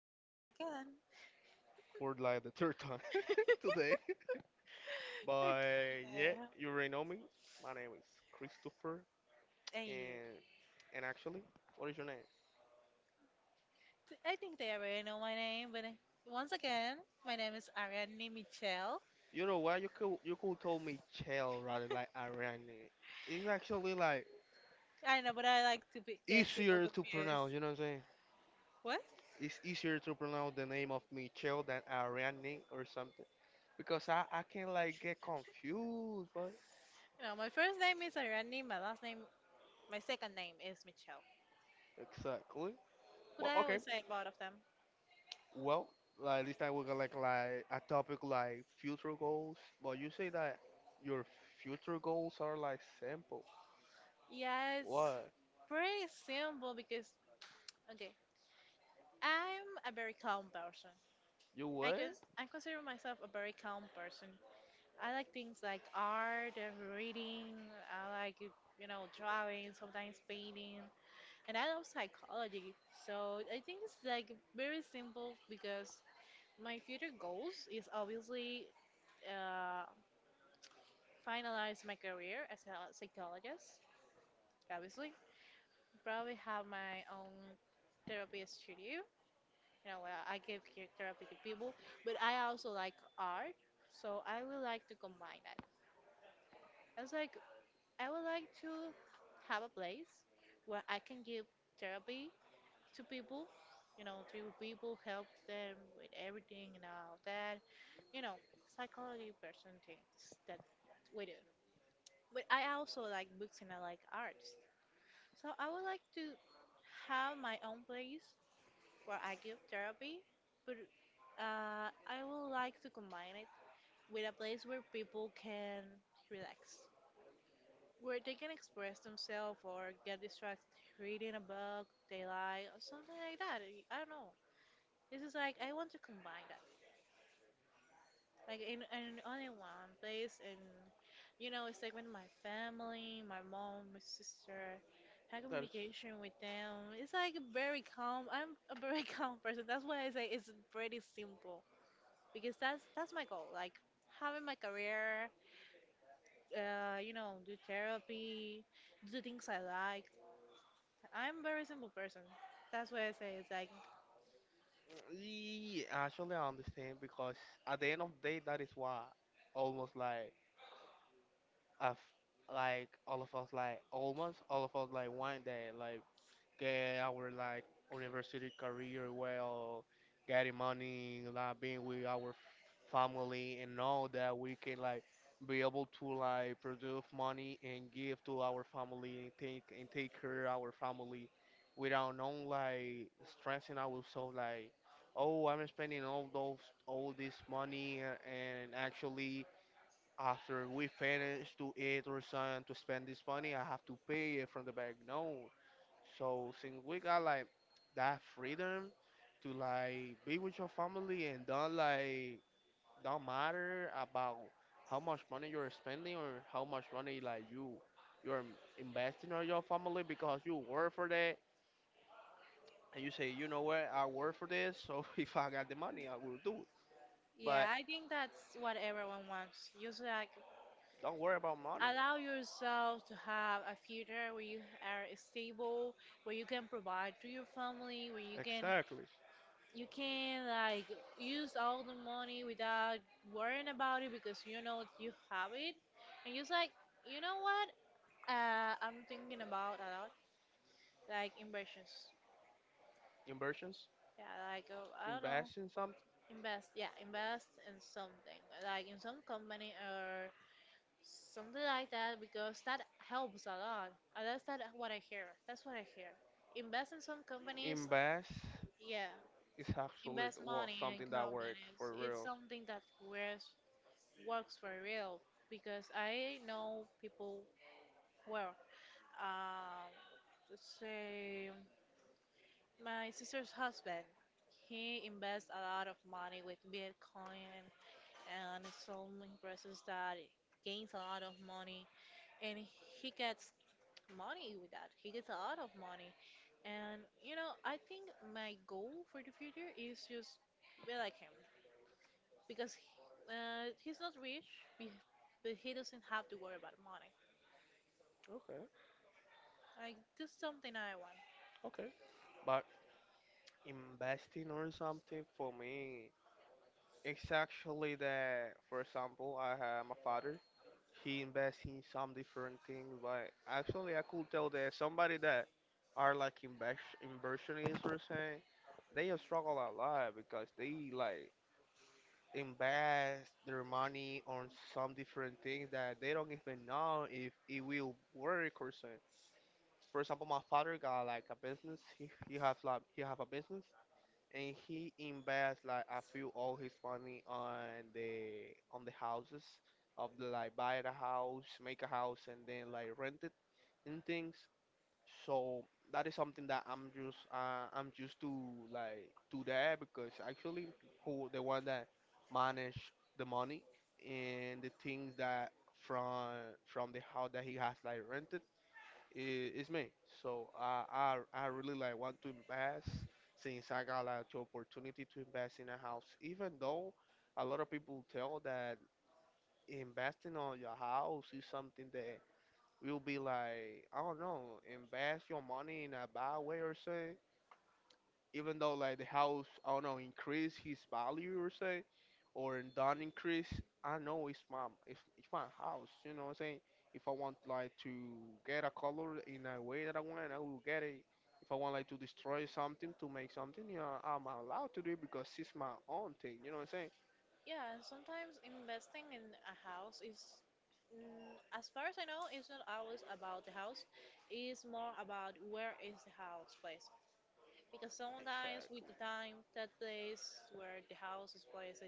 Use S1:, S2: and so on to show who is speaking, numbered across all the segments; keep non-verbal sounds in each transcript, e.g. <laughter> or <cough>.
S1: There
S2: Once
S1: we go
S2: again,
S1: again.
S2: for like the third time <laughs> today.
S1: Okay.
S2: But yeah, you already know me. My name is Christopher,
S1: Hey,
S2: and and actually, what is your name?
S1: I think they already know my name, but once again, my name is Ariane Michelle.
S2: You know what? You could told me Chell rather like Ariane. It's actually like
S1: I know, but I like to be, get people
S2: easier to
S1: confused.
S2: pronounce. You know what I'm saying?
S1: What?
S2: It's easier to pronounce the name of me Chell than Ariane or something because I can like get confused. But
S1: No, my first name is Ariane, my last name, my second name is Michelle.
S2: exactly.
S1: But
S2: But
S1: I
S2: okay.
S1: always say both of them.
S2: Well, like this time we got like a topic like future goals. But you say that your future goals are like simple.
S1: Yeah, it's
S2: What?
S1: pretty simple because, okay, I'm a very calm person.
S2: You what?
S1: I consider myself a very calm person. I like things like art and reading. I like, you know, drawing, sometimes painting. And I love psychology. So I think it's like very simple because my future goals is obviously uh, finalize my career as a psychologist, obviously. Probably have my own therapy studio. You know, where I give therapy to people. But I also like art. So I would like to combine it. It's like I would like to have a place where I can give therapy to people, you know, to people, help them with everything and all that, you know, psychology person things that we do. But I also like books and I like arts. So I would like to have my own place where I give therapy, but I would like to combine it with a place where people can relax, where they can express themselves or get distracted reading a book they like or something like that. I don't know. This is like I want to combine that. Like in only one place and you know, it's like with my family, my mom, my sister, have
S2: That's
S1: communication with them. It's like very calm. I'm a very <laughs> calm person. That's why I say it's pretty simple. Because that's my goal. Like having my career, you know, do therapy, do the things I like, I'm a very simple person. That's what I say it's like,
S2: Yeah, actually I understand because at the end of the day that is why almost like us, like all of us, like almost all of us, like one day, like get our like university career, well, getting money, like being with our family, and know that we can like be able to like produce money and give to our family and take care of our family without no like stressing ourselves, like, oh, I'm spending all those all this money and actually after we finish to eat or something to spend this money I have to pay it from the bank. No, so since we got like that freedom to like be with your family and don't matter about how much money you're spending or how much money like you're investing on your family because you work for that and you say, you know what, I work for this so <laughs> if I got the money I will do it.
S1: yeah,
S2: But
S1: I think that's what everyone wants. Just like
S2: don't worry about money.
S1: allow yourself to have a future where you are stable, where you can provide to your family, where you can
S2: Exactly.
S1: you can like use all the money without worrying about it because you know you have it, and just like you know what I'm thinking about a lot, like inversions.
S2: Inversions,
S1: Yeah, like I don't know.
S2: invest in something.
S1: Invest, yeah, invest in something like in some company or something like that because that helps a lot. That's that what I hear. That's what I hear. Invest in some companies,
S2: Invest
S1: yeah.
S2: is actually,
S1: Invest
S2: well,
S1: money in
S2: something that work
S1: companies.
S2: for
S1: It's
S2: real.
S1: something that works for real because I know people well. Um, let's say my sister's husband. He invests a lot of money with Bitcoin and his own impresses that it gains a lot of money and he gets money with that. He gets a lot of money. And you know, I think my goal for the future is just be like him because he's not rich, be- but he doesn't have to worry about money.
S2: Okay.
S1: Like just something I want.
S2: Okay. But investing on something for me, it's actually that, for example, I have my father. He invests in some different things, but actually, I could tell that somebody that are like invest inversionists or saying, they just struggle a lot because they like invest their money on some different things that they don't even know if it will work or something. For example, my father got like a business. He have a business and he invests like a few, all his money, on the houses of the, like, buy the house, make a house, and then like rent it and things. So that is something that I'm just I'm used to like to that because actually who the one that manage the money and the things that from from the house that he has like rented, it's me. So I really like want to invest since I got like the opportunity to invest in a house. Even though a lot of people tell that investing on your house is something that will be like, I don't know, invest your money in a bad way or so, even though like the house, I don't know, increase his value or say or don't increase, I know it's my it's my house, you know what I'm saying, if I want like to get a color in a way that I want I will get it, if I want like to destroy something to make something, you know, I'm allowed to do it because it's my own thing, you know what I'm saying.
S1: Yeah, and sometimes investing in a house is, mm, as far as I know, it's not always about the house. It's more about where is the house placed. Because sometimes with
S2: Exactly,
S1: the time that place where the house is placed,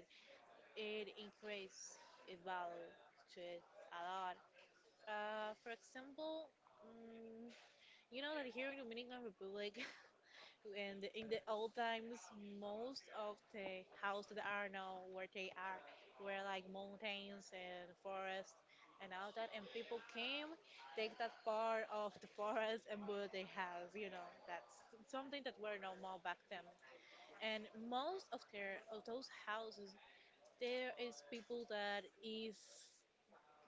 S1: it increase its value to it a lot. For example, you know that here in Dominican Republic <laughs> and in the old times, most of the houses that are now where they are were like mountains and forests and all that, and people came, take that part of the forest and build a house. You know, that's something that were normal back then and most of their of those houses, there is people that is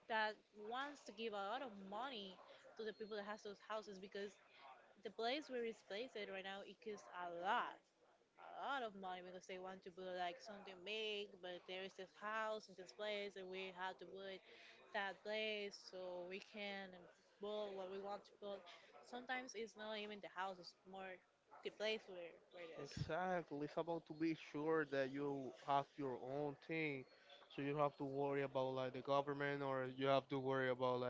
S1: that wants to give a lot of money to the people that has those houses because the place where it's placed at right now it costs a lot of money because they want to build like something big, but there is this house in this place and we have to build that place so we can build what we want to build. Sometimes it's not even the house, it's more the place where it is.
S2: exactly. It's about to be sure that you have your own thing so you don't have to worry about like the government or you have to worry about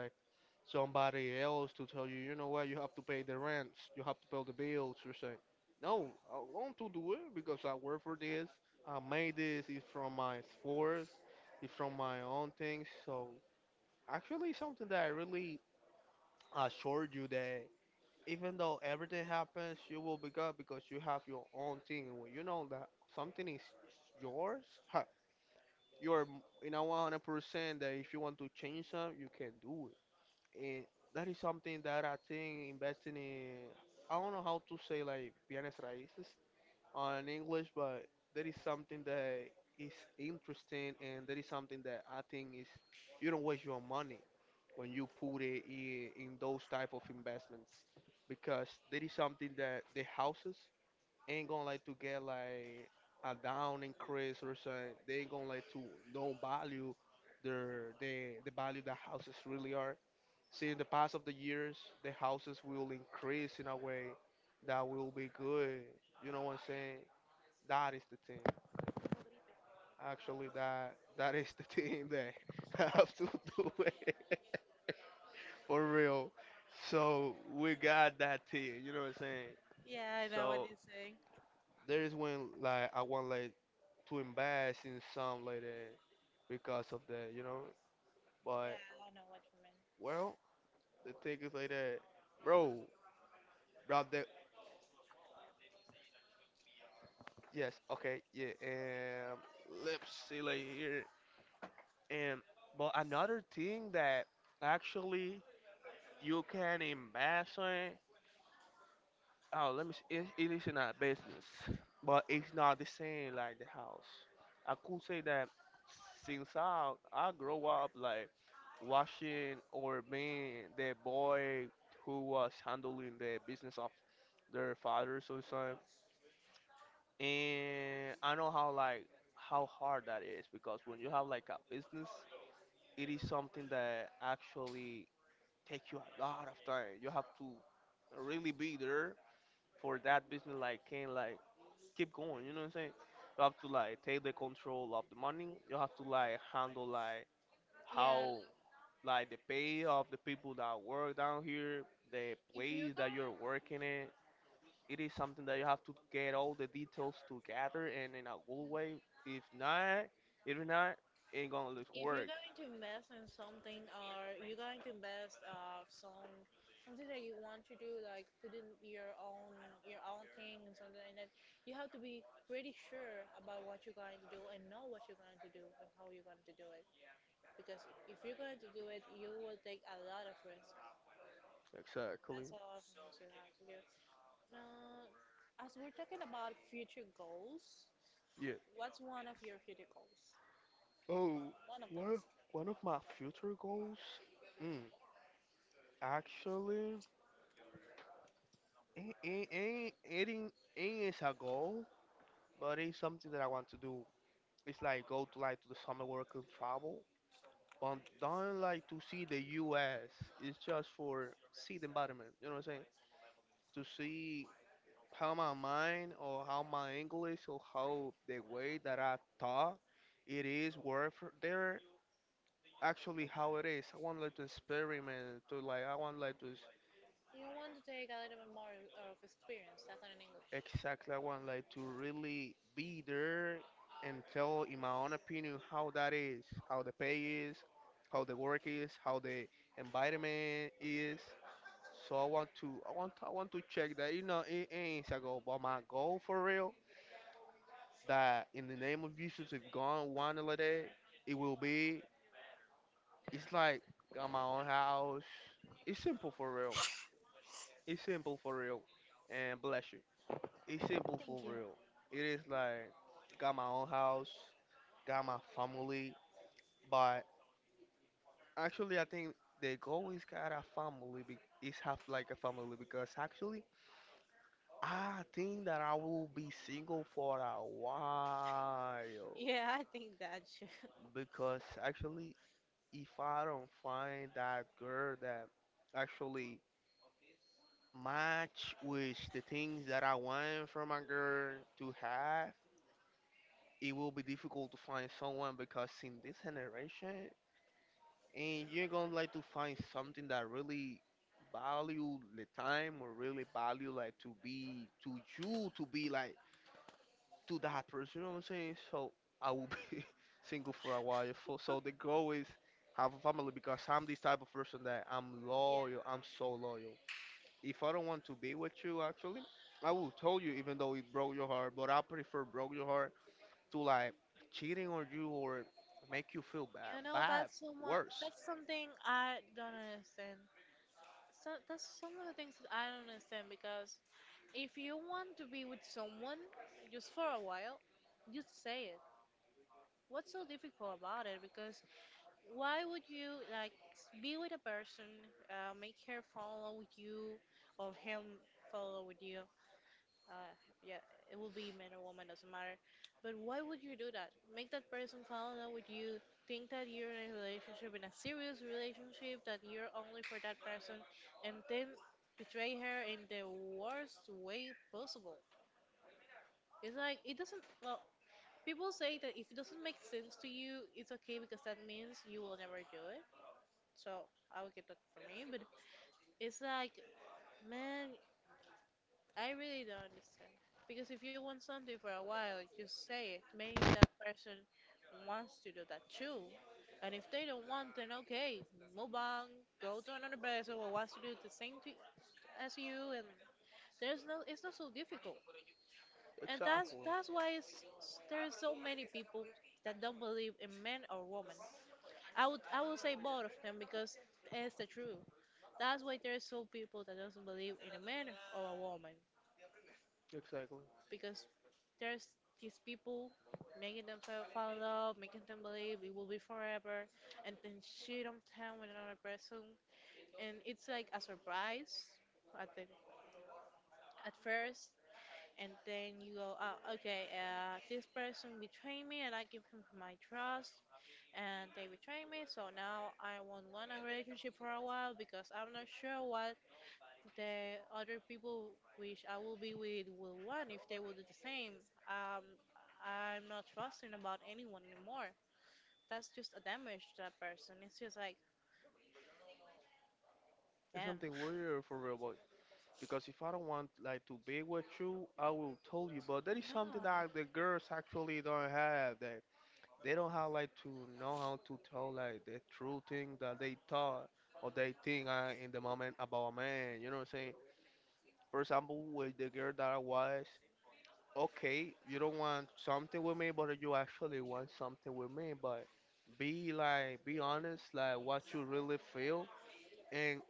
S2: somebody else to tell you, you know what, you have to pay the rents, you have to pay the bills, you're saying, no, I want to do it because I work for this, I made this, it's from my esforce, it's from my own things. So actually, something that I really assure you, that even though everything happens, you will be good because you have your own thing. And when you know that something is yours, <laughs> you are in a 100% that if you want to change something, you can do. And that is something that I think investing in, I don't know how to say like bienes raíces on English, but that is something that is interesting and that is something that I think is, you don't waste your money when you put it in those type of investments because that is something that the houses ain't gonna like to get like a down increase or something. They ain't gonna like to don't value their the value the houses really are. See, in the past of the years, the houses will increase in a way that will be good. You know what I'm saying? That is the thing. Actually, that is the thing that <laughs> I have to do it <laughs> for real. So we got that thing. You know what I'm saying?
S1: Yeah, I know what
S2: So
S1: you're saying.
S2: there is when like I want like to invest in some like that because of that, you know. But
S1: Yeah, I know what you mean.
S2: well, the thing is like that, bro. Bro, that yes, okay, yeah. And let's see like here. And but another thing that actually you can invest in, oh, let me see. It is in a business, but it's not the same like the house. I could say that since I grow up like watching or being the boy who was handling the business of their father so son, and I know how like how hard that is because when you have like a business, it is something that actually takes you a lot of time. You have to really be there for that business, like, can, like, keep going. You know what I'm saying? You have to like take the control of the money. You have to like handle, like,
S1: Yeah,
S2: how, like, the pay of the people that work down here, the
S1: if you're
S2: place that you're
S1: going
S2: working in. It is something that you have to get all the details together and in a good way. If not, if not, ain't gonna look
S1: if you're
S2: work.
S1: going to invest in something or you're going to invest some something that you want to do like putting your own thing and something like that, you have to be pretty sure about what you're going to do and know what you're going to do and how you're going to do it. Because if you're going to do it, you will take a lot of risk.
S2: Exactly.
S1: That's a lot of things you have to do. Uh, as we're talking about future goals,
S2: Yeah.
S1: what's one of your future goals?
S2: Oh,
S1: One of them.
S2: one of, one of my future goals. Mm, Actually, it ain't as a goal. But it's something that I want to do. It's like go to like to the summer work and travel. But don't like to see the US. It's just for see the environment. You know what I'm saying? To see how my mind or how my English or how the way that I talk it is worth there actually how it is. I want like to experiment to like I want like to
S1: You want to take a little bit more of experience, that's not in English.
S2: Exactly, I want like to really be there and tell, in my own opinion, how that is, how the pay is, how the work is, how the environment is. So I want to check that. You know, it ain't a goal, but my goal for real, that in the name of Jesus, if God wanted it, it will be. It's like got my own house. It's simple for real. It's simple for real. And bless you. It's simple for
S1: Thank you.
S2: real. It is like got my own house, got my family, but actually I think the goal is got a family. Is have like a family because actually I think that I will be single for a while
S1: Yeah, <laughs> I think that should.
S2: because actually if I don't find that girl that actually match with the things that I want from a girl to have, it will be difficult to find someone because in this generation, and you're gonna like to find something that really value the time or really value like to be to you to be like to that person. You know what I'm saying? So I will be <laughs> single for a while. So the goal is have a family because I'm this type of person that I'm
S1: Yeah,
S2: loyal. I'm so loyal. If I don't want to be with you, actually, I will tell you even though it broke your heart. But I prefer broke your heart to like cheating on you or make you feel
S1: you
S2: bad,
S1: know
S2: bad,
S1: that's someone.
S2: worse.
S1: That's something I don't understand. So that's some of the things that I don't understand because if you want to be with someone just for a while, just say it. What's so difficult about it? Because why would you like be with a person, make her follow with you, or him follow with you, Uh, yeah, it will be man or woman, doesn't matter. But why would you do that? Make that person fall in love with you, think that you're in a relationship, in a serious relationship, that you're only for that person, and then betray her in the worst way possible. It's like, it doesn't, well, people say that if it doesn't make sense to you, it's okay because that means you will never do it. So I would get that for me, but it's like, man, I really don't understand. Because if you want something for a while, just say it. Maybe that person wants to do that too. And if they don't want, then okay, move on, go to another person who wants to do the same thing as you. And there's no, it's not so difficult. And that's
S2: Exactly,
S1: that's why it's, there's so many people that don't believe in men or women. I would say both of them because it's the truth. That's why there's so people that doesn't believe in a man or a woman.
S2: exactly.
S1: Because there's these people making them fall in love, making them believe it will be forever, and then she don't tell with another person, and it's like a surprise at the at first, and then you go, oh, okay, this person betrayed me, and I give him my trust, and they betray me, so now I won't want a relationship for a while because I'm not sure what the other people which I will be with will want if they will do the same. Um, I'm not trusting about anyone anymore. That's just a damage to that person. It's just like,
S2: It's
S1: damn.
S2: something weird for real, boy. Because if I don't want like to be with you, I will tell you. But that is
S1: Yeah.
S2: something that the girls actually don't have. That they don't have like to know how to tell like the true thing that they thought or they think in the moment about a man. You know what I'm saying? For example, with the girl that I was, okay, you don't want something with me, but you actually want something with me. But be like, be honest, like what you really feel, and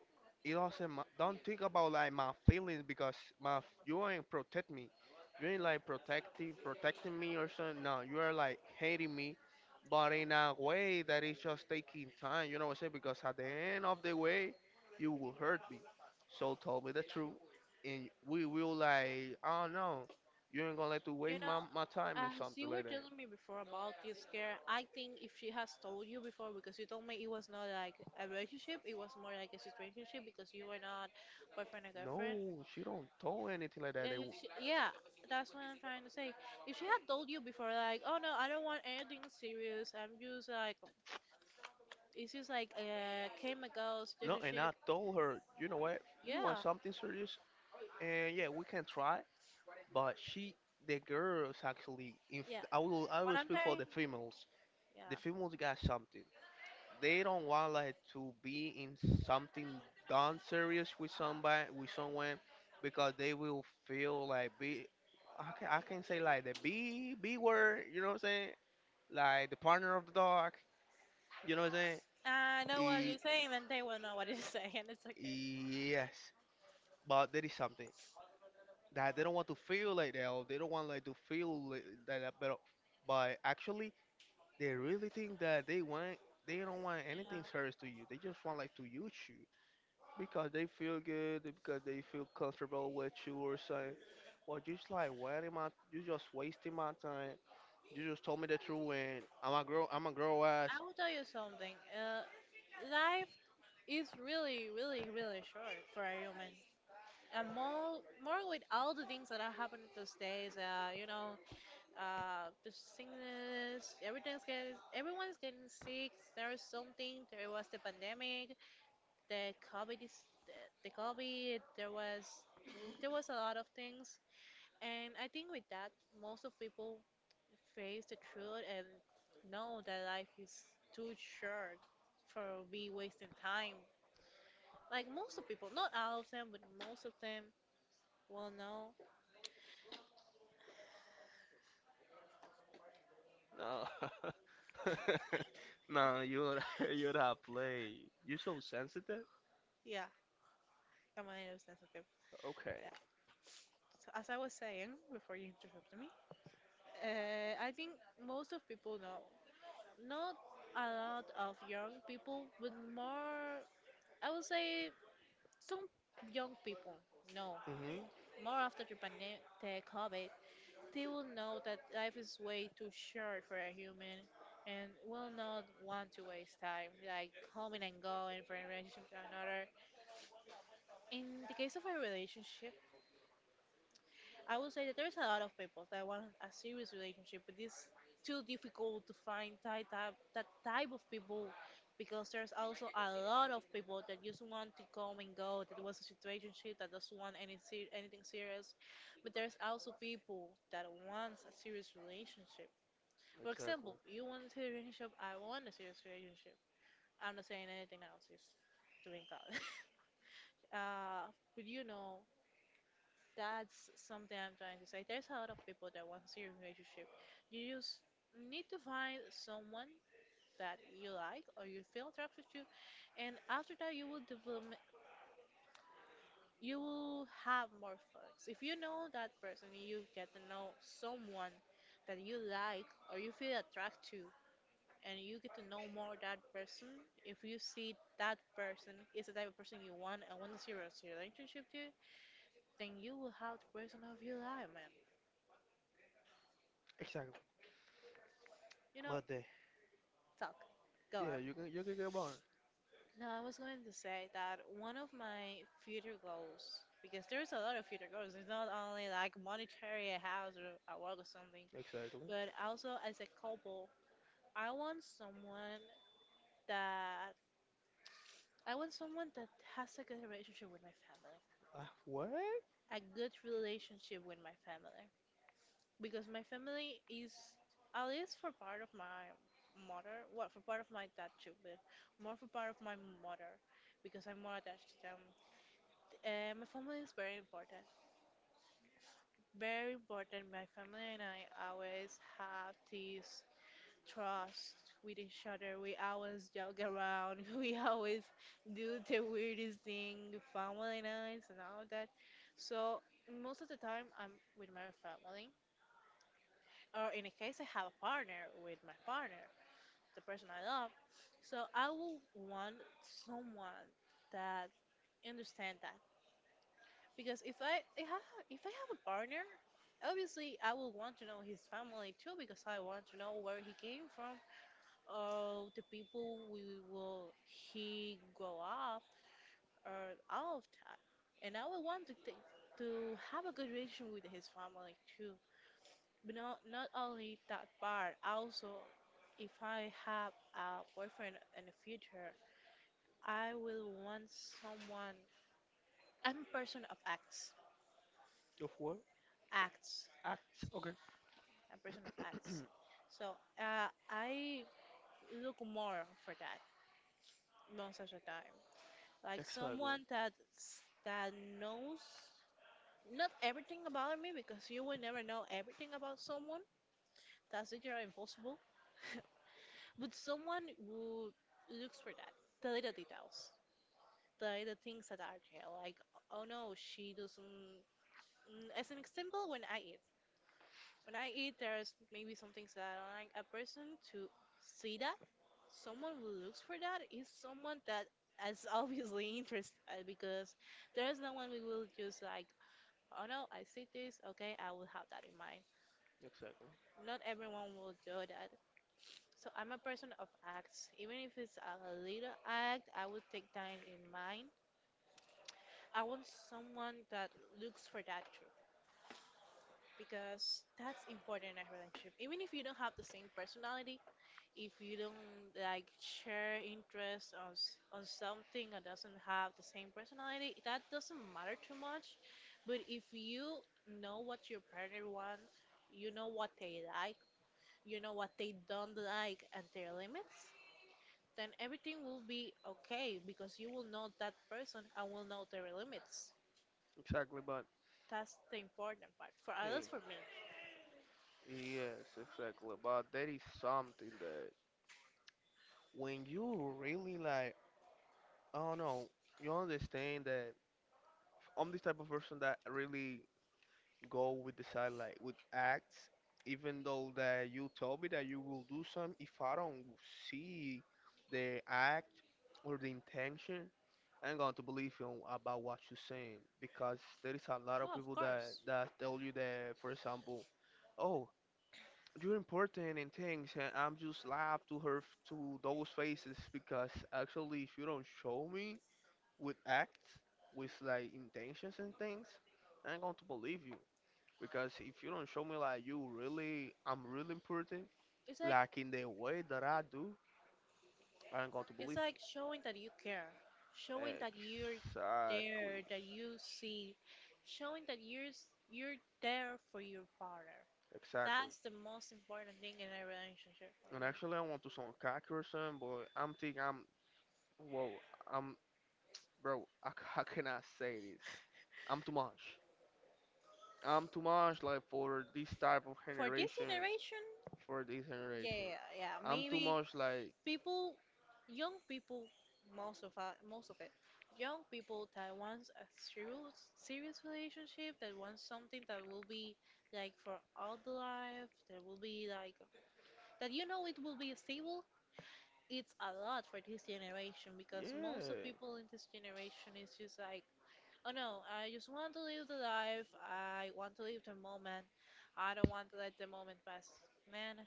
S2: it also don't think about like my feelings because you ain't protect me, you ain't like protecting me or something. No, you are like hating me, but in a way that is just taking time, you know what I'm saying, because at the end of the way you will hurt me. So tell me the truth, and we will like, oh no, you ain't gonna let to
S1: You
S2: waste
S1: know,
S2: my time and
S1: as
S2: something
S1: you were
S2: like that.
S1: telling me before about this girl, I think if she has told you before, because you told me it was not like a relationship, it was more like a situationship because you were not boyfriend and
S2: No,
S1: girlfriend.
S2: she don't told anything like that
S1: And she, yeah, that's what I'm trying to say. If she had told you before, like, oh no, I don't want anything serious. I'm just like, it's just like a chemical
S2: no. And I
S1: relationship.
S2: told her, you know what, you want
S1: Yeah,
S2: something serious. And yeah, we can try, but the girls actually, if
S1: yeah.
S2: I
S1: What
S2: will
S1: I'm
S2: speak for
S1: saying,
S2: the females. The
S1: yeah.
S2: females got something. They don't want like to be in something done serious with with someone, because they will feel like be, I can say like the B, B word. You know what I'm saying? Like the partner of the dog. You know what I'm saying?
S1: I know what
S2: E,
S1: you're saying, and they will know what you're saying. <laughs> It's okay.
S2: yes, but there is something that they don't want to feel like that, or they don't want like to feel like that, but actually they really think that they want, they don't want anything
S1: Yeah.
S2: serious to you, they just want like to use you because they feel good, because they feel comfortable with you or something. But just like, what am I? You just wasting my time. You just told me the truth and I'm a grow ass.
S1: I will tell you something. Life is really, really, really short for a human. And more, more with all the things that are happening these days. You know, the sickness, everything's getting, everyone's getting sick, there is something, there was the pandemic, the covid is, the covid, there was a lot of things and I think with that most of people face the truth and know that life is too short for be wasting time, like most of people, not all of them, but most of them will know.
S2: No. <laughs> No, you're <laughs> you're not play, you're <laughs> so sensitive.
S1: Yeah, I'm a little sensitive.
S2: Okay.
S1: Yeah, so as I was saying before you interrupted me, I think most of people know. Not a lot of young people, but more, I would say some young people know.
S2: Mm-hmm.
S1: More after the pandemic, the COVID, they will know that life is way too short for a human and will not want to waste time, like coming and going from a relationship to another. In the case of a relationship, I would say that there's a lot of people that want a serious relationship, but it's too difficult to find that type of people because there's also a lot of people that just want to come and go, that was a situationship, that doesn't want anything serious. But there's also people that wants a serious relationship. For example, you want a serious relationship, I want a serious relationship. I'm not saying anything else, just to be clear. <laughs> Uh, but you know, that's something I'm trying to say. There's a lot of people that want a serious relationship. You just need to find someone that you like or you feel attracted to, and after that, you will develop. You will have more flex. If you know that person, you get to know someone that you like or you feel attracted to, and you get to know more that person. If you see that person is the type of person you want and want a serious relationship to, then you will have the person of your life, man.
S2: Exactly.
S1: You know,
S2: But they,
S1: Talk. Go
S2: yeah,
S1: on.
S2: you can, you can get banned.
S1: No, I was going to say that one of my future goals, because there's a lot of future goals. It's not only like monetary, a house or a work or something,
S2: Exactly.
S1: but also as a couple, I want someone that I want someone that has like, a good relationship with my family,
S2: What?
S1: a good relationship with my family, because my family is at least for part of my mother, well, for part of my dad too, but more for part of my mother, because I'm more attached to them. My family is very important. Very important. My family and I always have this trust with each other. We always joke around. <laughs> We always do the weirdest thing, family nights and all that. So most of the time, I'm with my family, or in a case, I have a partner with my partner, the person I love. So I will want someone that understand that. Because if I have a partner, obviously I will want to know his family too because I want to know where he came from or the people we will he grow up or all of that. And I will want to take, to have a good relation with his family too. But not only that part, also if I have a boyfriend in the future, I will want someone. I'm a person of acts.
S2: Of what?
S1: Acts.
S2: Act. Okay.
S1: A person of arts. So I look more for that most of the time. Like
S2: Exactly.
S1: someone that that knows not everything about me because you will never know everything about someone. That's literally impossible. <laughs> But someone who looks for that, the little details, the little things that are there. Like, oh no, she doesn't. Mm, as an example, when I eat, there's maybe some things that I don't like a person to see that. Someone who looks for that is someone that is obviously <laughs> interested because there is no one we will just like, oh no, I see this, okay, I will have that in mind.
S2: Exactly.
S1: Not everyone will do that. So I'm a person of acts. Even if it's a little act, I will take that in mind. I want someone that looks for that too because that's important in a relationship. Even if you don't have the same personality, if you don't like share interest on something or doesn't have the same personality, that doesn't matter too much. But if you know what your partner wants, you know what they like, you know what they don't like, and their limits, then everything will be okay because you will know that person and will know their limits.
S2: Exactly. But
S1: That's the important part. For
S2: hey,
S1: others, for me.
S2: yes, exactly. But there is something that when you really like, I don't know, you understand that I'm this type of person that really go with the side, like with acts, even though that you told me that you will do some. If I don't see the act or the intention, I'm going to believe you about what you're saying, because there is a lot of
S1: No, of
S2: people that
S1: course.
S2: that tell you that, for example, oh, you're important and things, and I'm just laugh to to those faces because actually, if you don't show me with acts, with like intentions and things, I'm going to believe you. Because if you don't show me like you really, I'm really important,
S1: It's like
S2: like in the way that I do, I ain't going to
S1: It's
S2: believe you.
S1: like showing that you care, showing that you're
S2: Exactly.
S1: there, that you see, showing that you're there for your partner.
S2: Exactly.
S1: That's the most important thing in a relationship for
S2: And
S1: me.
S2: actually, I want to sound cocky or something, but I'm thinking whoa, I'm, bro, I, c- <laughs> I cannot say this. I'm too much. I'm too much like for this type of
S1: For this
S2: generation,
S1: generation,
S2: for this
S1: yeah, yeah,
S2: generation.
S1: yeah, yeah.
S2: I'm too
S1: Maybe
S2: much like,
S1: people, young people, most of us, most of it, young people that wants a serious, serious relationship, that wants something that will be like for all the life, that will be like that you know it will be stable. It's a lot for this generation because most of
S2: yeah,
S1: people in this generation is just like, oh no, I just want to live the life, I want to live the moment, I don't want to let the moment pass, man.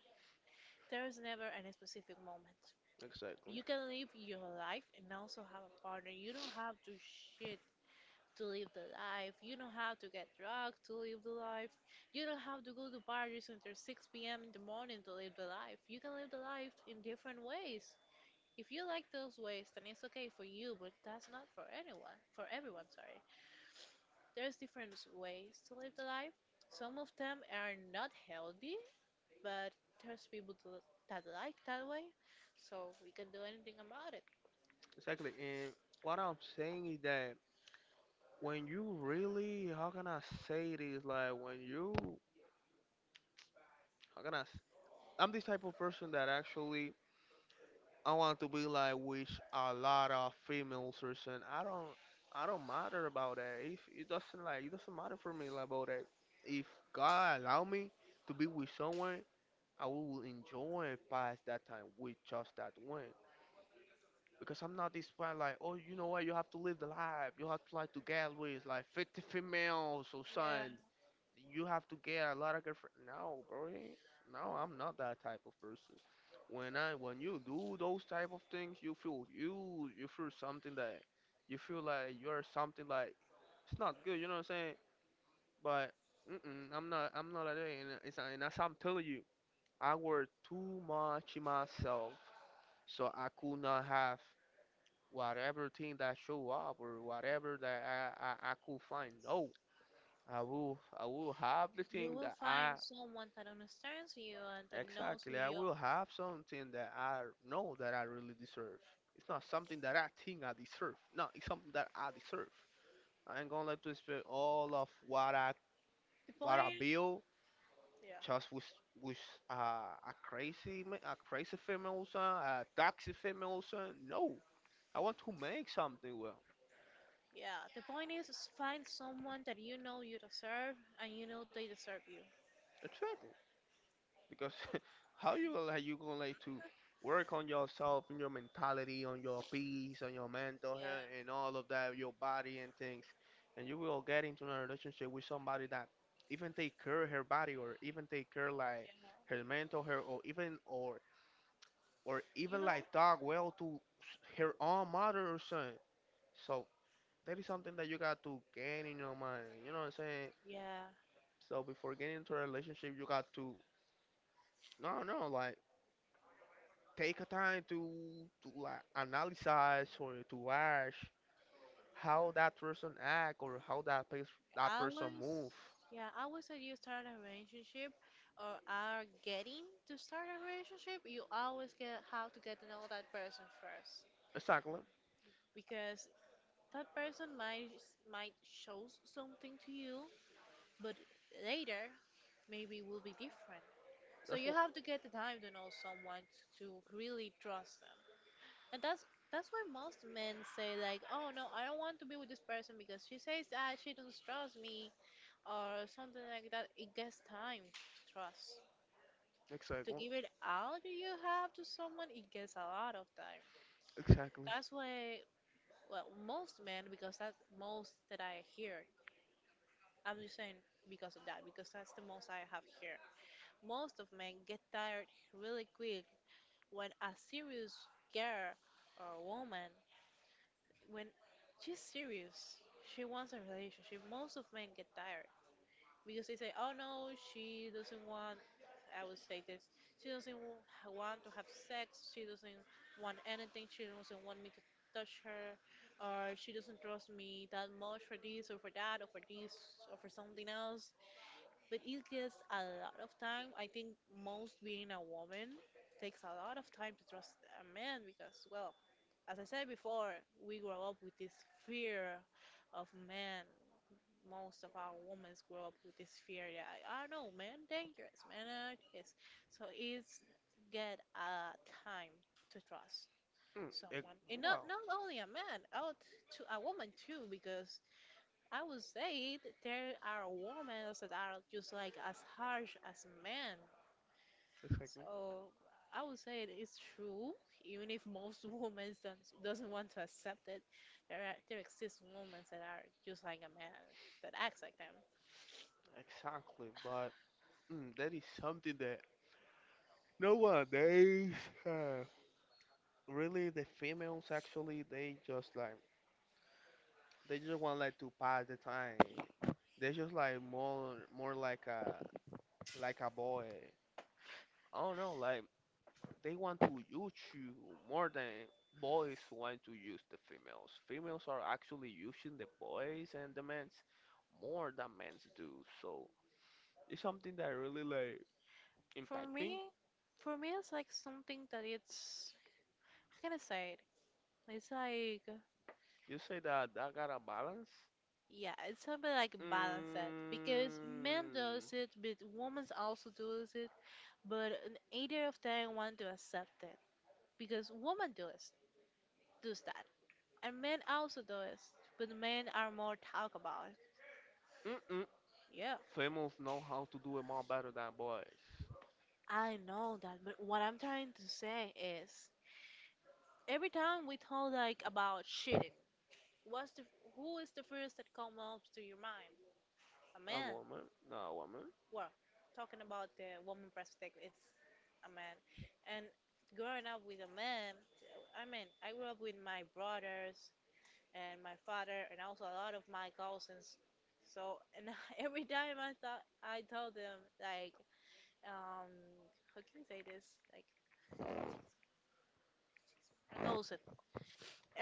S1: There is never any specific moment.
S2: exactly.
S1: You can live your life and also have a partner. You don't have to shit to live the life. You know how to get drugs to live the life. You don't have to go to parties until 6 p.m. in the morning to live the life. You can live the life in different ways. If you like those ways, then it's okay for you, but that's not for anyone, for everyone, sorry. There's different ways to live the life. Some of them are not healthy, but there's people to, that like that way, so we can do anything about it.
S2: Exactly. And what I'm saying is that when you really, how can I say this? Like when you, how can I? S- I'm this type of person that actually I want to be like with a lot of females or something. I don't matter about that. If it doesn't like, it doesn't matter for me like, about that. If God allow me to be with someone, I will enjoy past that time with just that one. Because I'm not this one like, oh, you know what? You have to live the life. You have to like to get with like 50 females or
S1: Yeah.
S2: something. You have to get a lot of girlfriend. No, bro. No,
S1: Mm.
S2: I'm not that type of person. When you do those type of things, you feel, you feel something that you feel like you are something like, it's not good. You know what I'm saying? But mm-mm, I'm not like that. And it's, and as I'm telling you, I work too much in myself, so I could not have whatever thing that show up or whatever that I could find. No. I will have the
S1: You
S2: thing
S1: will
S2: that I—
S1: find someone that understands you and that knows who
S2: exactly. I
S1: you
S2: will
S1: are.
S2: have something that I know that I really deserve. It's not something that I think I deserve. No, it's something that I deserve. I ain't gonna let to spend all of what I,
S1: The
S2: what I
S1: point,
S2: build
S1: yeah,
S2: just with uh, a a crazy female son, a toxic female son. No, I want to make something well.
S1: yeah. The point is find someone that you know you deserve and you know they deserve you.
S2: Exactly. Because <laughs> how you gonna like, you gonna like to work on yourself and your mentality, on your peace, on your mental
S1: Yeah,
S2: health, and all of that, your body and things, and you will get into a relationship with somebody that even take care of her body, or even take care like her mental health, or even, or
S1: yeah. You
S2: even
S1: know,
S2: like talk well to her own mother or son. So that is something that you got to gain in your mind. You know what I'm saying?
S1: yeah.
S2: So before getting into a relationship, you got to, no no, like take a time to like analyze or to watch how that person act, or how that that
S1: I
S2: person
S1: was,
S2: move.
S1: yeah, I was that you start a relationship or are getting to start a relationship, you always get how to get to know that person first.
S2: Exactly.
S1: Because that person might show something to you, but later maybe will be different. So
S2: That's
S1: you
S2: what.
S1: have to get the time to know someone to really trust them. And that's why most men say like, "Oh no, I don't want to be with this person because she says that she doesn't trust me," or something like that. It gets time to trust. To
S2: Exactly.
S1: give it all you have to someone, it gets a lot of time.
S2: Exactly.
S1: That's why, well, most men, because that's most that I hear. I'm just saying because of that, because that's the most I have here. Most of men get tired really quick when a serious girl or woman, when she's serious, she wants a relationship. Most of men get tired, because they say, "Oh no, she doesn't want." I would say this: she doesn't wa- want to have sex. She doesn't want anything. She doesn't want me to touch her, or she doesn't trust me that much for this or for that or for this or for something else. But it gets a lot of time. I think most being a woman takes a lot of time to trust a man because, well, as I said before, we grow up with this fear of men. Most of our women grow up with this fear that I don't know, man, dangerous, man, this. So it's get a time to trust
S2: Mm, ex-
S1: someone, and not
S2: wow.
S1: not only a man, out to a woman too, because I would say that there are women that are just like as harsh as men.
S2: Exactly.
S1: So I would say it is true, even if most <laughs> women don't, doesn't want to accept it. There are, there exist women that are just like a man that acts like them.
S2: Exactly. But mm, that is something that nowadays, uh, really, the females actually, they just like, they just want like to pass the time. They just like more like a, like a boy. I don't know, like they want to use you more than boys want to use the females. Females are actually using the boys and the men's more than men's do. So it's something that really like
S1: For
S2: impact me.
S1: me, for me, it's like something that it's, how can I say it? It's like,
S2: You say that that got a balance.
S1: yeah, it's something like balance it
S2: Mm,
S1: because men does it, but women also does it, but either of them want to accept it because women does that, and men also does, but men are more talk about it.
S2: mm-mm.
S1: Yeah,
S2: Females know how to do it more better than boys.
S1: I know that, but what I'm trying to say is every time we talk like about cheating, what's the who is the first that comes up to your mind? A
S2: A
S1: man.
S2: woman, not a woman.
S1: Well, talking about the woman perspective is a man. And growing up with a man, I mean, I grew up with my brothers and my father and also a lot of my cousins. So, and <laughs> every time I thought I told them like, um, how can you say this? Like a gossip.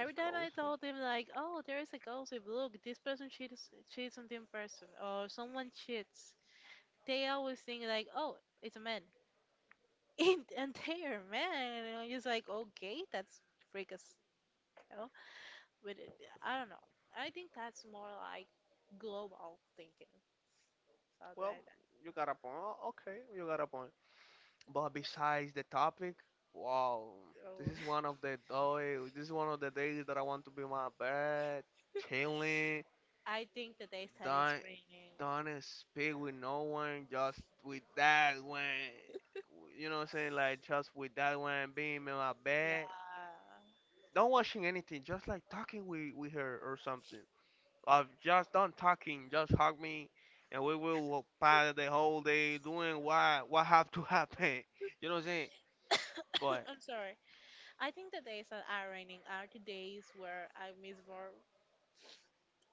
S2: It's
S1: time I
S2: goes.
S1: told them like, oh, there is a gossip. Look, this person cheats on this person, or someone cheats. They always think like, oh, it's a man. In <laughs> and there, man. And I'm just like, okay, that's freakish, you know. But it, I don't know. I think that's more like global thinking, something
S2: Well,
S1: like that.
S2: you got a point. Okay, you got a point. But
S1: Yeah.
S2: besides the topic, wow, this
S1: So
S2: is one of the this is one of the days that I want to be in
S1: <laughs>
S2: my bed, chilling,
S1: I think the days that it's
S2: don't
S1: raining.
S2: don't speak with no one, just with that one. You know what I'm saying? Like just with that one being in my bed,
S1: Yeah.
S2: don't watching anything, just like talking with her or something. Or just don't talking, just hug me, and we will pass the whole day doing what have to happen. <laughs> You know what I'm saying?
S1: <laughs>
S2: But
S1: <coughs> I'm sorry. I think the days that are raining are the days where I miss work,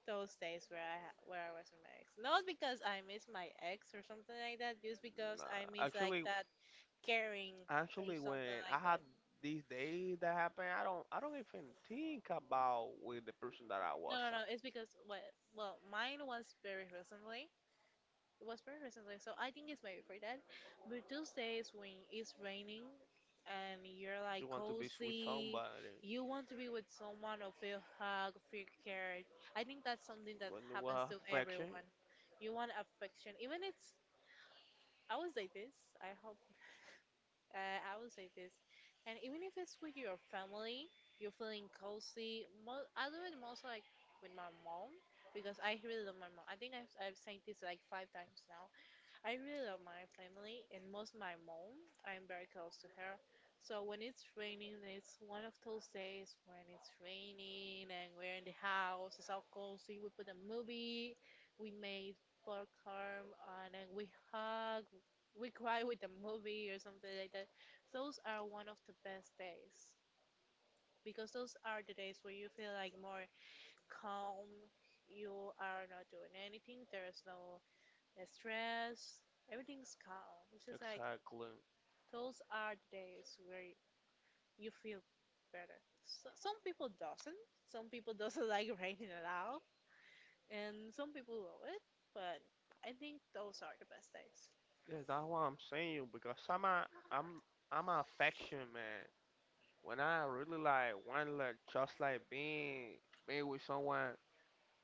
S1: those days where where I was with my ex. Not because I miss my ex or something like that, just because I
S2: nah,
S1: miss like
S2: actually,
S1: that caring or
S2: actually,
S1: something
S2: when I
S1: like
S2: had
S1: that.
S2: these days that happened, I don't even think about with the person that I
S1: No,
S2: was.
S1: no,
S2: I
S1: no. It's because what? Well, mine was very recently. It was very recently, so I think it's maybe for that. But those days when it's raining and you're like
S2: just want to be with
S1: cozy,
S2: somebody.
S1: you want to be with someone or feel hugged, feel cared. I think that's something that
S2: When you
S1: happens
S2: have
S1: to
S2: affection,
S1: everyone. You want affection, even it's I would say this. I would say this, and even if it's with your family, you're feeling cozy. I do it most like with my mom because I really love my mom. I think I've said this like 5 times now. I really love my family and most my mom. I'm very close to her. So when it's raining, it's one of those days when it's raining and we're in the house, it's all cozy. We put a movie, we made popcorn, and then we hug, we cry with the movie or something like that. Those are one of the best days because those are the days where you feel like more calm. You are not doing anything. There's no the stress, everything's calm. It's just like
S2: exactly.
S1: those are the days where you feel better. So, some people doesn't. Some people <laughs> doesn't like raining at all, and some people love it. But I think those are the best days.
S2: Yeah, that's what I'm saying, because I'm, I'm an affection man. When I really like want like just like being with someone,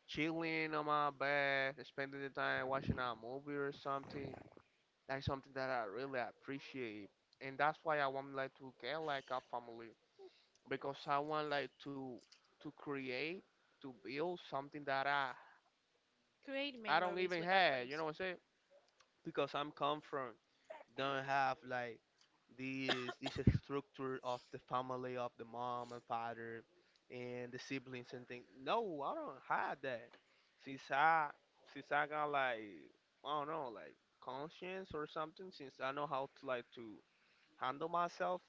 S2: chilling on my bed, spending the time watching a movie or something. That's something that I really appreciate, and that's why I want like to get like a family because I want like to create, to build something that I—
S1: Create
S2: I don't
S1: memories
S2: even
S1: with that
S2: have. You know
S1: person.
S2: what I'm saying? Because I'm come from don't have like this structure of the family, of the mom and father and the siblings and things. No, I don't have that. Since I since I got like, I don't know like, conscience or something. Since I know how to like to handle myself.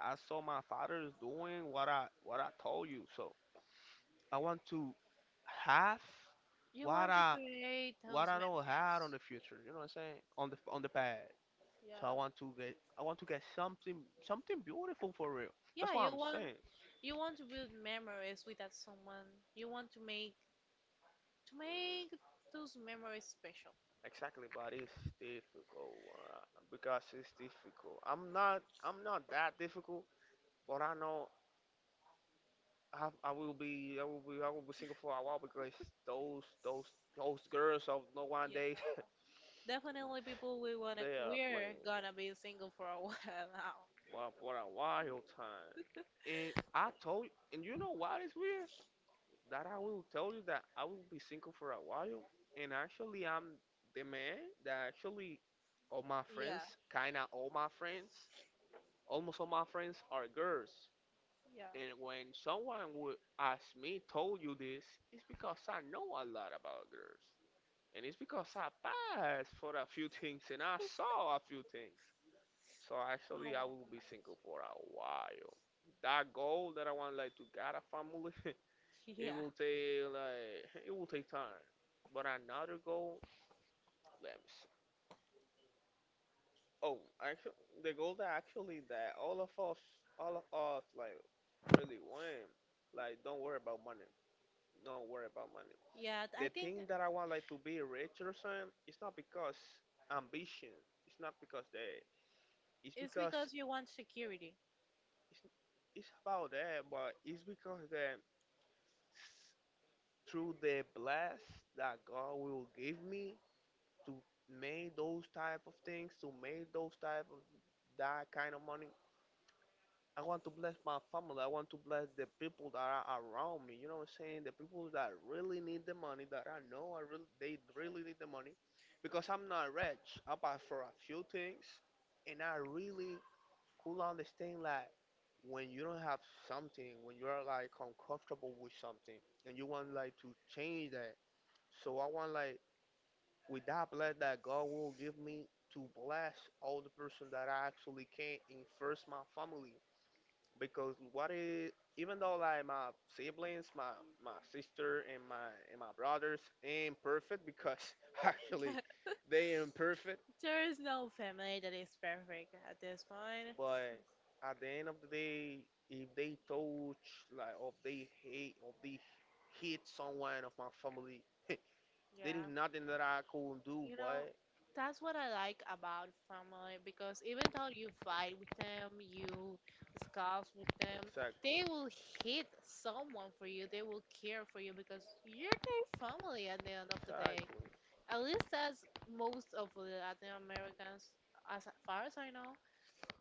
S2: I saw my father is doing what I told you, so I want to have
S1: You
S2: what
S1: want to
S2: I,
S1: create
S2: what
S1: those
S2: I don't
S1: memories.
S2: have on the future. You know what I'm saying? On the, on the pad. So
S1: Yeah,
S2: I want to get something, something beautiful for real.
S1: yeah.
S2: That's what I'm saying.
S1: You want to build memories with that someone. You want to make to make those memories special.
S2: Exactly, but it's difficult, uh, because it's difficult. I'm not that difficult, but I know I will be I will be I will be single for a while because those those girls of no one days
S1: Definitely people
S2: <laughs> they are
S1: we're
S2: playing
S1: gonna be single for a <laughs> while now.
S2: for a wild time. And I told, and you know what is weird? That I will tell you that I will be single for a while, and actually I'm the man that actually all my
S1: Yeah.
S2: friends,
S1: Yeah.
S2: kinda all my friends, almost all my friends are girls. And when
S1: <laughs>
S2: someone would ask me told you this, it's because I know a lot about girls. And it's because I passed for a few things and I saw a few things. So actually, I
S1: Oh
S2: will be
S1: my
S2: single for a while. That goal that I want, like to get a family, <laughs> it will take like, it will take time. But another goal, let me see. Oh, actually, the goal that actually that all of us, like really want, like don't worry about money.
S1: god.
S2: Don't worry about money.
S1: Yeah. Yeah,
S2: The
S1: I think
S2: thing that I want like to be rich or something, it's not because ambition. It's not because that. It's
S1: it's
S2: because
S1: because you want security.
S2: it's, it's about that, but it's because that s- through the bless that God will give me to make those type of things, to make those type of that kind of money, I want to bless my family. I want to bless the people that are around me. You know what I'm saying? The people that really need the money, that I know I really they really need the money, because I'm not rich. I buy for a few things, and I really could understand like when you don't have something, when you are like uncomfortable with something, and you want like to change that. So I want like with that bless that God will give me to bless all the person that I actually can, and first my family because what is even though like my siblings, my sister and my brothers ain't perfect because <laughs> actually they ain't perfect.
S1: There is no family that is perfect at this point.
S2: But at the end of the day, if they touch like or they hate or they hit someone of my family, <laughs> there is
S1: Yeah.
S2: nothing that I couldn't do,
S1: You know,
S2: boy.
S1: that's what I like about family because even though you fight with them, you discuss with them, they
S2: Exactly,
S1: will hit someone for you. They will care for you because you're their family at the end of the day.
S2: exactly.
S1: At least that's most of the Latin Americans, as far as I know.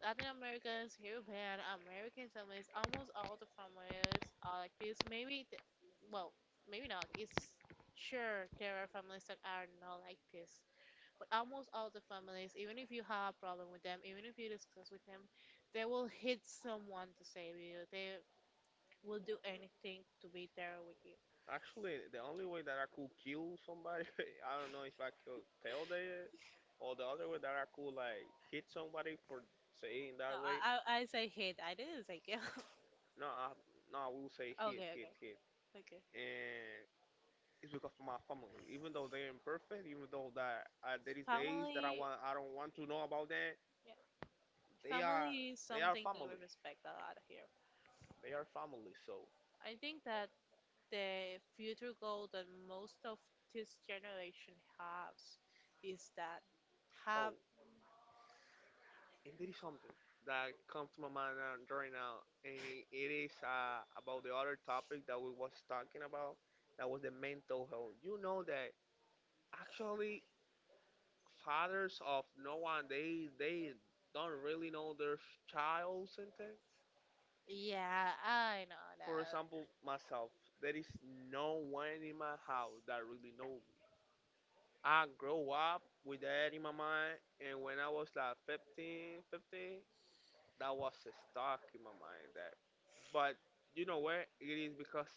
S1: Latin Americans, European, American families, almost all the families are like this. Maybe, th well, maybe not. It's sure there are families that are not like this, but almost all the families, even if you have a problem with them, even if you discuss with them, they will hit someone to save you. They will do anything to be there with you.
S2: Actually, the only way that I could kill somebody, <laughs> I don't know if I could tell them, or the other way that I could like hit somebody for saying
S1: No,
S2: that way.
S1: I say hit. I didn't say kill.
S2: No, I, no, I will say
S1: <laughs>
S2: hit,
S1: Okay,
S2: hit,
S1: okay,
S2: hit,
S1: okay.
S2: and it's because of my family. Even though they're imperfect, even though that there is days that
S1: Family,
S2: I don't want to know about them.
S1: yeah,
S2: They are,
S1: family is
S2: they are
S1: something that we
S2: family.
S1: respect a lot here.
S2: They are family. So,
S1: I think that the future goal that most of this generation has is that have,
S2: oh. And there is something that comes to my mind right now, and it is about the other topic that we was talking about. That was the mental health. You know that actually fathers of no one they don't really know their childs and things.
S1: yeah, I know
S2: For
S1: that.
S2: example, myself, there is no one in my house that really know me. I grow up with that in my mind, and when I was like fifteen. That was stuck in my mind. That, but you know where it is because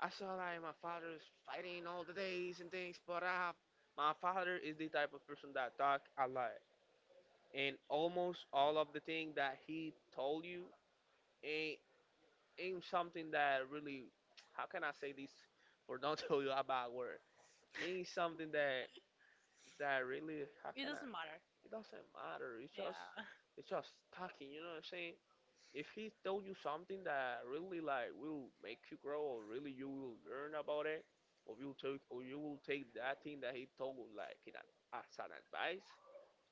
S2: I saw like my father is fighting all the days and things. But I have my father is the type of person that talk a lot, and almost all of the thing that he told you ain't ain't something that really. How can I say this? For don't <laughs> tell you about word. Ain't something that really. How
S1: It
S2: can I?
S1: doesn't matter.
S2: It doesn't matter. It's just
S1: Yeah.
S2: it's just talking. You know what I'm saying? If he told you something that really like will make you grow or really you will learn about it, or you will take that thing that he told like as an advice.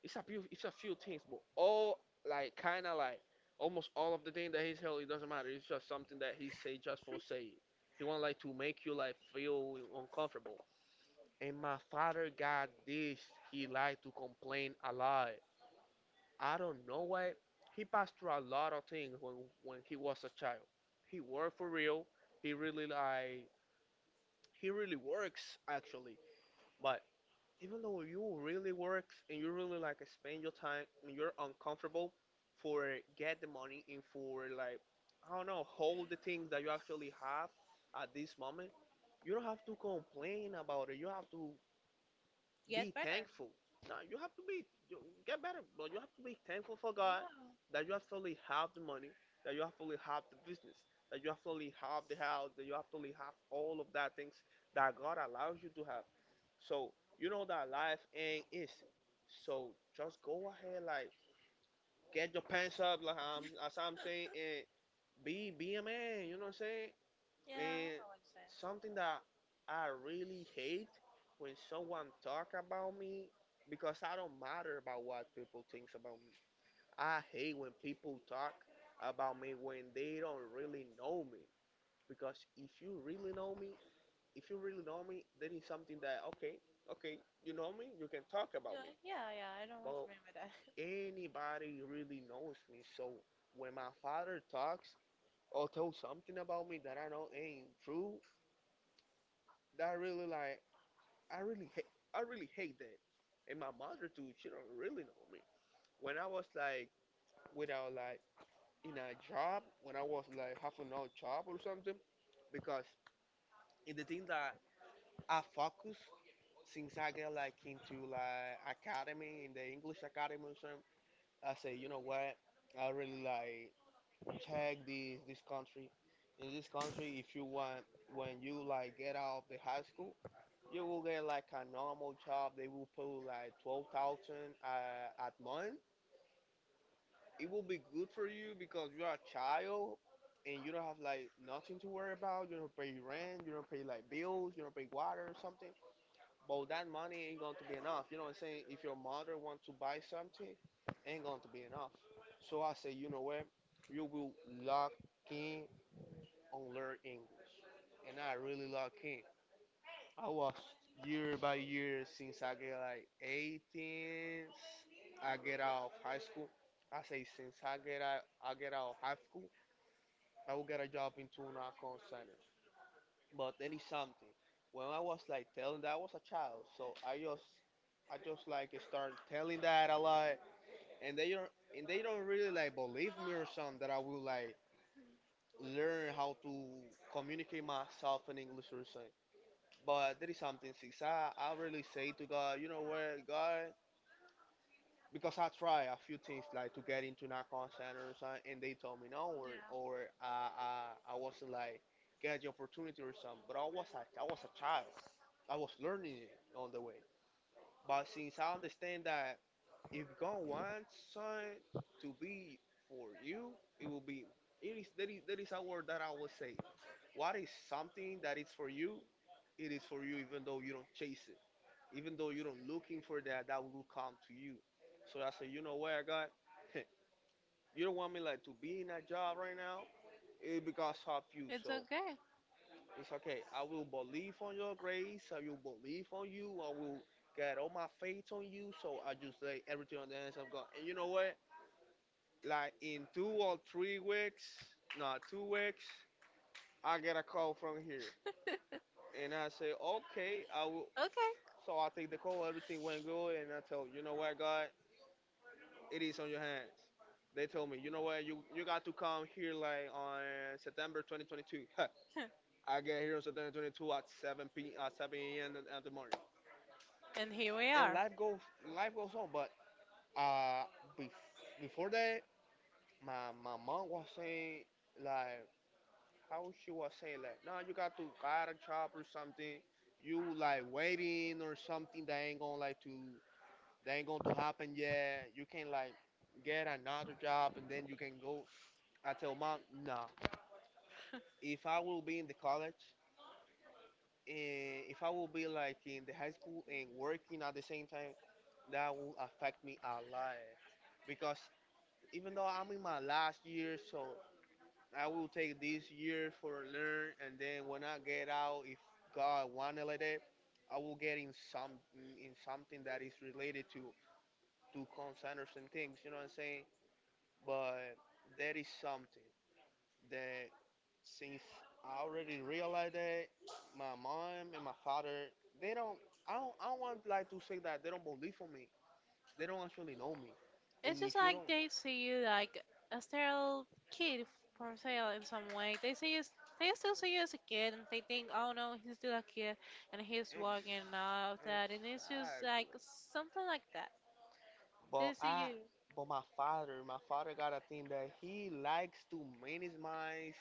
S2: It's a few things, but all like kind of like almost all of the thing that he told, it doesn't matter. It's just something that he say just for saying. He want like to make you like feel uncomfortable, and my father got this. He like to complain a lot. I don't know why. He passed through a lot of things when he was a child. He worked for real. He really like he really works actually. But even though you really works and you really like spend your time and you're uncomfortable for get the money and for like I don't know hold the things that you actually have at this moment, you don't have to complain about it. You have to
S1: <laughs> Get
S2: be
S1: better.
S2: thankful. Now you have to be you get better, but you have to be thankful for God that you actually have the money, that you actually have the business, that you actually have the house, that you actually have all of that things that God allows you to have. So you know that life ain't easy. So just go ahead, like get your pants up, like as I'm saying, and be a man. You know what I'm saying?
S1: Yeah,
S2: And
S1: I would say.
S2: something that I really hate when someone talk about me, because I don't matter about what people thinks about me. I hate when people talk about me when they don't really know me. Because if you really know me, if you really know me, that is something that, okay, okay, you know me, you can talk about
S1: Yeah,
S2: me.
S1: yeah, yeah, I don't want to
S2: But
S1: remember that.
S2: anybody really knows me, so when my father talks or tells something about me that I know ain't true, that really like I really hate I really hate that. And my mother too, she don't really know me. When I was like without like in a job, when I was like half an hour job or something, because in the thing that I focus, since I get like into like academy in the English academy or something, I say, you know what, I really like check this country. In this country, if you want, when you like get out of the high school, you will get like a normal job. They will pay like 12,000 at month. It will be good for you because you are a child, and you don't have like nothing to worry about. You don't pay rent. You don't pay like bills. You don't pay water or something. But that money ain't going to be enough. You know what I'm saying? If your mother wants to buy something, ain't going to be enough. So I say, you know what? You will lock in on learn English, and I really lock in. I was year by year since I get like 18. I get out of high school. I say, since I get out of high school, I will get a job in tuna call center. But then it's something. When I was like telling that, I was a child, so I just like start telling that a lot, and they don't and they don't really like believe me or something that I will like learn how to communicate myself in English or something. But there is something, since I really say to God, you know what, God, because I try a few things like to get into narcon centers, and they told me no or uh, I I wasn't like get the opportunity or something. But I was a child. I was learning it on the way. But since I understand that if God wants something to be for you, it will be. It is there is, there is a word that I would say. What is something that is for you? It is for you, even though you don't chase it, even though you don't looking for that will come to you. So I say, you know what, I got, <laughs> you don't want me like to be in that job right now, it because of you,
S1: <laughs> It's
S2: so
S1: okay.
S2: it's okay. I will believe on your grace, I will believe on you, I will get all my faith on you. So I just lay everything on the hands of God. And you know what, like in 2 or 3 weeks, not 2 weeks, I get a call from here.
S1: <laughs>
S2: And I say, okay, I will.
S1: Okay.
S2: So I take the call, everything went good, and I tell, you know what, God, it is on your hands. They told me, you know what, you got to come here like on September 2022. <laughs> I get here on September 22 at 7 p. at 7 a.m. The morning,
S1: <laughs> And here we
S2: and
S1: are.
S2: life goes on. But uh, bef- before that, my mom was saying like, how she was saying like, no, you got to got a job or something. You like waiting or something that ain't going to happen yet. You can like get another job, and then you can go. I tell mom, nah.
S1: <laughs>
S2: If I will be in the college, and if I will be like in the high school and working at the same time, that will affect me a lot. Because even though I'm in my last year, so I will take this year for learn, and then when I get out, if God wanted like that, I will get in some in something that is related to call centers and things. You know what I'm saying? But that is something that, since I already realized that my mom and my father, they don't I don't I don't want like to say that they don't believe on me. They don't actually know me.
S1: It's
S2: And
S1: just
S2: if you
S1: like
S2: don't.
S1: they see you like a sterile kid for sale in some way. They see you, they still see you as a kid, and they think, oh no, he's still a kid, and he's
S2: ex,
S1: walking and all of that, and it's just like
S2: exactly.
S1: something like that. They
S2: But
S1: see
S2: I
S1: you,
S2: but my father got a thing that he likes to manage my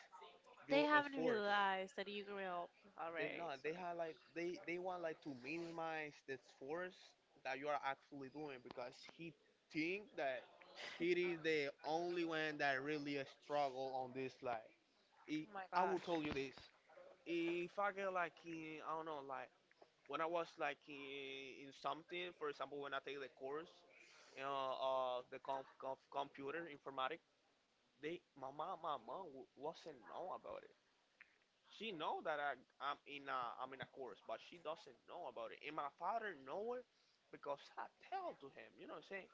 S1: they
S2: your
S1: haven't
S2: efforts.
S1: realized that you grew up
S2: They
S1: already.
S2: not.
S1: So,
S2: They have like they want like to minimize the force that you are actually doing, because he think that he is the only one that really struggle on this like. He,
S1: oh my
S2: I will tell
S1: gosh.
S2: you this. If I get like in, I don't know, like when I was like in something, for example, when I take the course, you know, the computer informatic. My mom wasn't know about it. She know that I'm in a course, but she doesn't know about it. And my father know it because I tell to him. You know what I'm saying?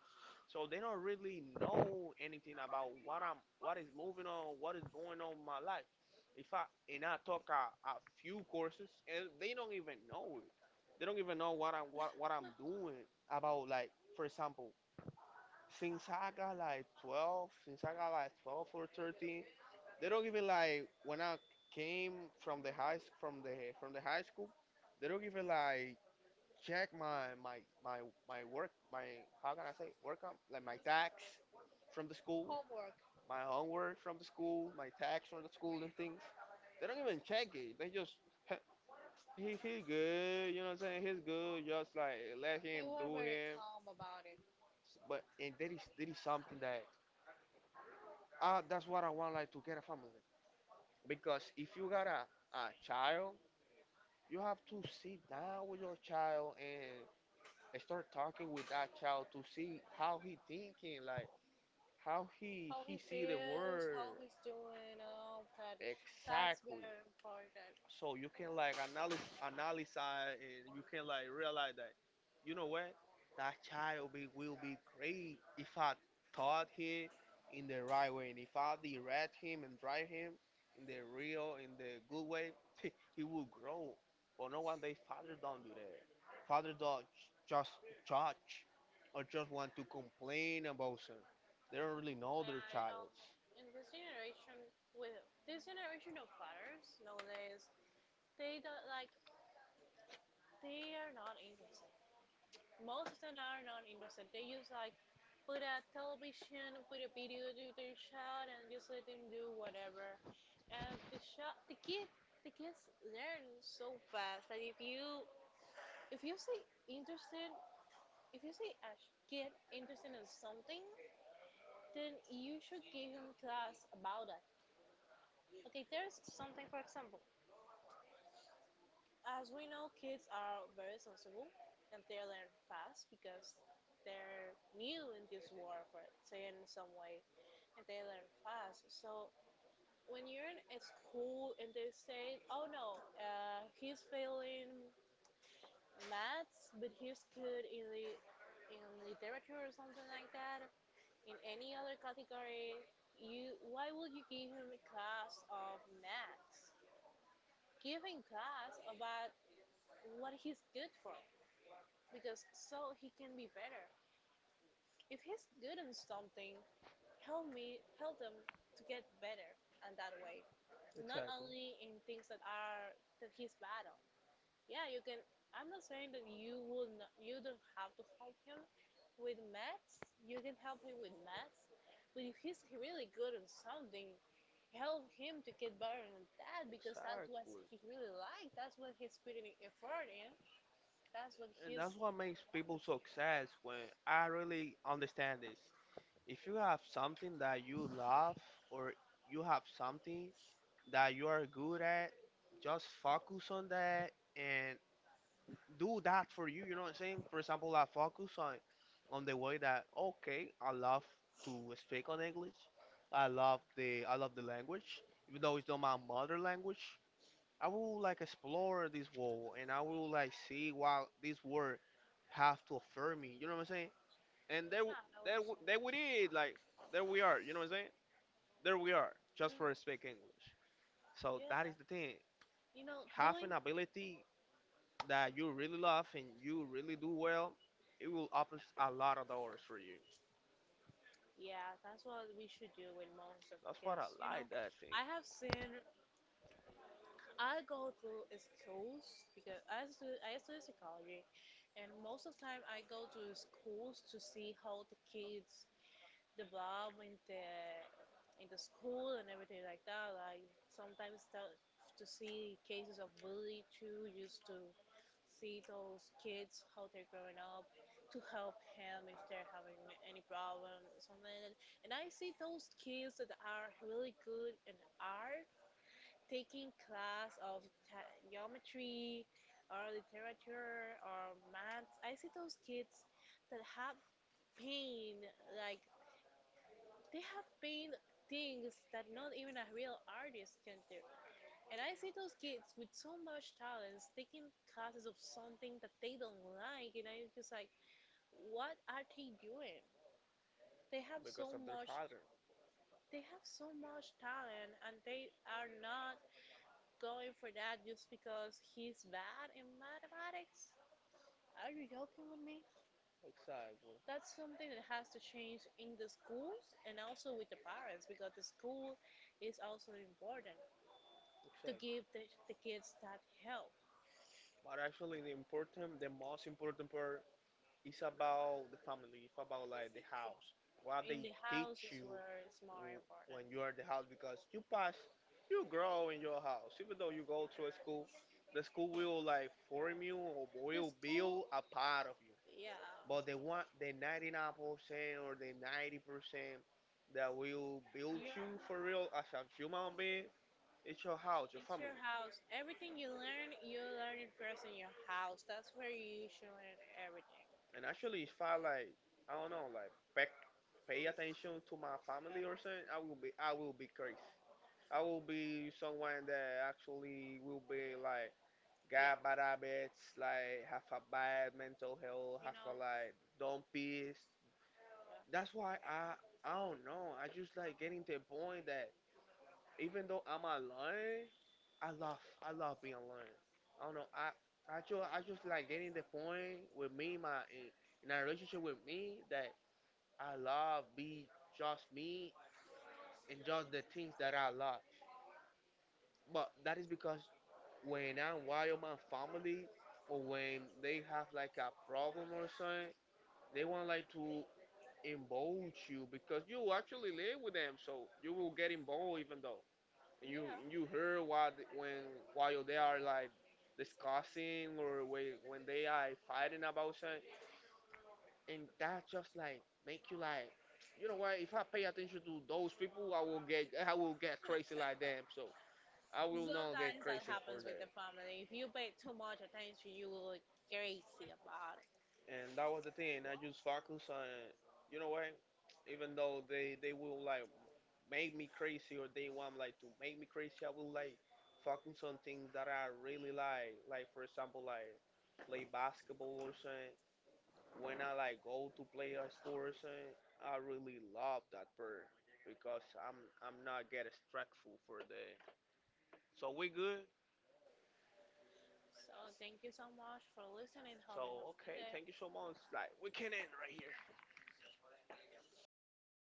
S2: So they don't really know anything about what I'm what is moving on, what is going on in my life. If I and I took a few courses and they don't even know it. They don't even know what I'm doing about like, for example, since I got like 12, since I got like 12 or 13, they don't even like when I came from the from the high school. They don't even like check my my work, my, how can I say, work up like my tax from the school,
S1: Hope
S2: my homework from the school, my tax from the school and things. They don't even check it. They just <laughs> he's good, you know what I'm saying? He's good. Just like let
S1: they
S2: him
S1: were
S2: do
S1: very
S2: him.
S1: calm about it.
S2: But and that is something that, that's what I want, like, to get a family, because if you got a child, you have to sit down with your child and start talking with that child to see how he thinking, like how he
S1: How he
S2: he see the
S1: feels, how
S2: world.
S1: he's doing, all that. That's
S2: Exactly.
S1: very important.
S2: So you can like analyze and you can like realize that, you know what, that child will be great if I taught him in the right way and if I direct him and drive him in the good way. <laughs> He will grow. But no, one day fathers don't do that. Fathers don't just judge or just want to complain about them. They don't really
S1: Uh,
S2: know their
S1: you know,
S2: childs.
S1: in this generation, with this generation of fathers nowadays, they don't like they are not interested. Most of them are not interested. They just like put a television, put a video to their child, and just let them do whatever. And the child, the kid, the kids learn so fast that if you say interested if you see a kid interested in something, then you should give him class about that. Okay, there's something, for example, as we know, kids are very sensible and they learn fast because they're new in this world, for it, say in some way, and they learn fast. So when you're in a school and they say, "Oh no, he's failing maths, but he's good in the in literature or something like that," in any other category, you why would you give him a class of maths? Give him class about what he's good for, because so he can be better. If he's good in something, help him to get better and that way. Not
S2: Exactly.
S1: only in things that he's bad on. Yeah, you can. I'm not saying that you will not, you don't have to help him with maths. You can help him with maths, but if he's really good on something, help him to get better on that because that's what
S2: Exactly.
S1: he really liked. That's what he's putting effort in. That's what
S2: And
S1: he's
S2: that's what
S1: wanted.
S2: makes people success, when I really understand this. If you have something that you love, or you have something that you are good at, just focus on that and do that for you, you know what I'm saying? For example, I focus on the way that, okay, I love to speak on English. I love the language, even though it's not my mother language. I will like explore this world and I will like see what this world have to offer me. You know what I'm saying?
S1: Yeah,
S2: And there, w-
S1: I know what
S2: there, w-
S1: you're
S2: There we
S1: saying.
S2: did. Like, there we are. You know what I'm saying? There we are. Just
S1: Mm.
S2: for speak English. So that
S1: Yeah.
S2: is the thing.
S1: You know,
S2: Have an
S1: doing,
S2: ability that you really love and you really do well. It will open a lot of doors for you.
S1: yeah, that's what we should do with most of
S2: That's what I
S1: kids. You know,
S2: like, that thing,
S1: I have seen I go to schools because I study psychology, and most of the time I go to schools to see how the kids develop in the school and everything like that. Like sometimes to see cases of bullying too, just to see those kids how they're growing up, to help them if they're having any problem, something. Like that. And I see those kids that are really good in art taking class of geometry or literature or maths, I see those kids that have pain, like they have pain things that not even a real artist can do. And I see those kids with so much talents taking classes of something that they don't like, and I'm just like, what are they doing? They have
S2: because
S1: so
S2: of their
S1: much,
S2: pattern.
S1: they have so much talent, and they are not going for that just because he's bad in mathematics? Are you joking with me?
S2: Exactly.
S1: That's something that has to change in the schools and also with the parents because the school is also important to give
S2: Exactly.
S1: the kids that help.
S2: But actually, the most important part, it's about the family. It's about like the
S1: Yeah.
S2: house. What
S1: In
S2: they
S1: the house
S2: teach
S1: is
S2: you
S1: where it's more important.
S2: when you are in the house, because you pass, you grow in your house. Even though you go to a school, the school will like form you or
S1: The
S2: will
S1: school,
S2: build a part of you.
S1: yeah. Yeah.
S2: But the one, the 99% or the 90% that will build you for real as a human being, it's your house, your
S1: It's
S2: family.
S1: your house. Everything you learn it first in your house. That's where you should learn everything.
S2: And actually, if I, like, I don't know, like back, pay attention to my family or something, I will be crazy. I will be someone that actually will be like got bad
S1: Yeah.
S2: habits, like have a bad mental health,
S1: You
S2: have a
S1: know.
S2: like dumb peace. That's why I don't know. I just like getting to the point that, even though I'm alone, I love I love being alone. I don't know. I just like getting the point with me, in a relationship with me, that I love be just me and just the things that I love. But that is because when I'm with my family, or when they have like a problem or something, they want like to involve you because you actually live with them, so you will get involved even though. And
S1: Yeah.
S2: you
S1: Yeah.
S2: you hear what when, while they are like discussing, or when they are fighting about something, and that just like make you like, you know what? If I pay attention to those people, I will get crazy like them. So I
S1: <laughs>
S2: will not get
S1: Sometimes that
S2: crazy for
S1: happens with
S2: that.
S1: the family. If you pay too much attention, you will get crazy about it.
S2: And that was the thing. I just focus on, you know what? Even though they will like make me crazy, or they want like to make me crazy, I will like focus on things that I really like. Like, for example, like play basketball or something. When I like go to play a sport or something, I really love that part because I'm not get stressful for the. So we good.
S1: So thank you so much for listening. Hope you have
S2: So
S1: a good
S2: okay,
S1: day.
S2: thank you so much. Like we can end right here.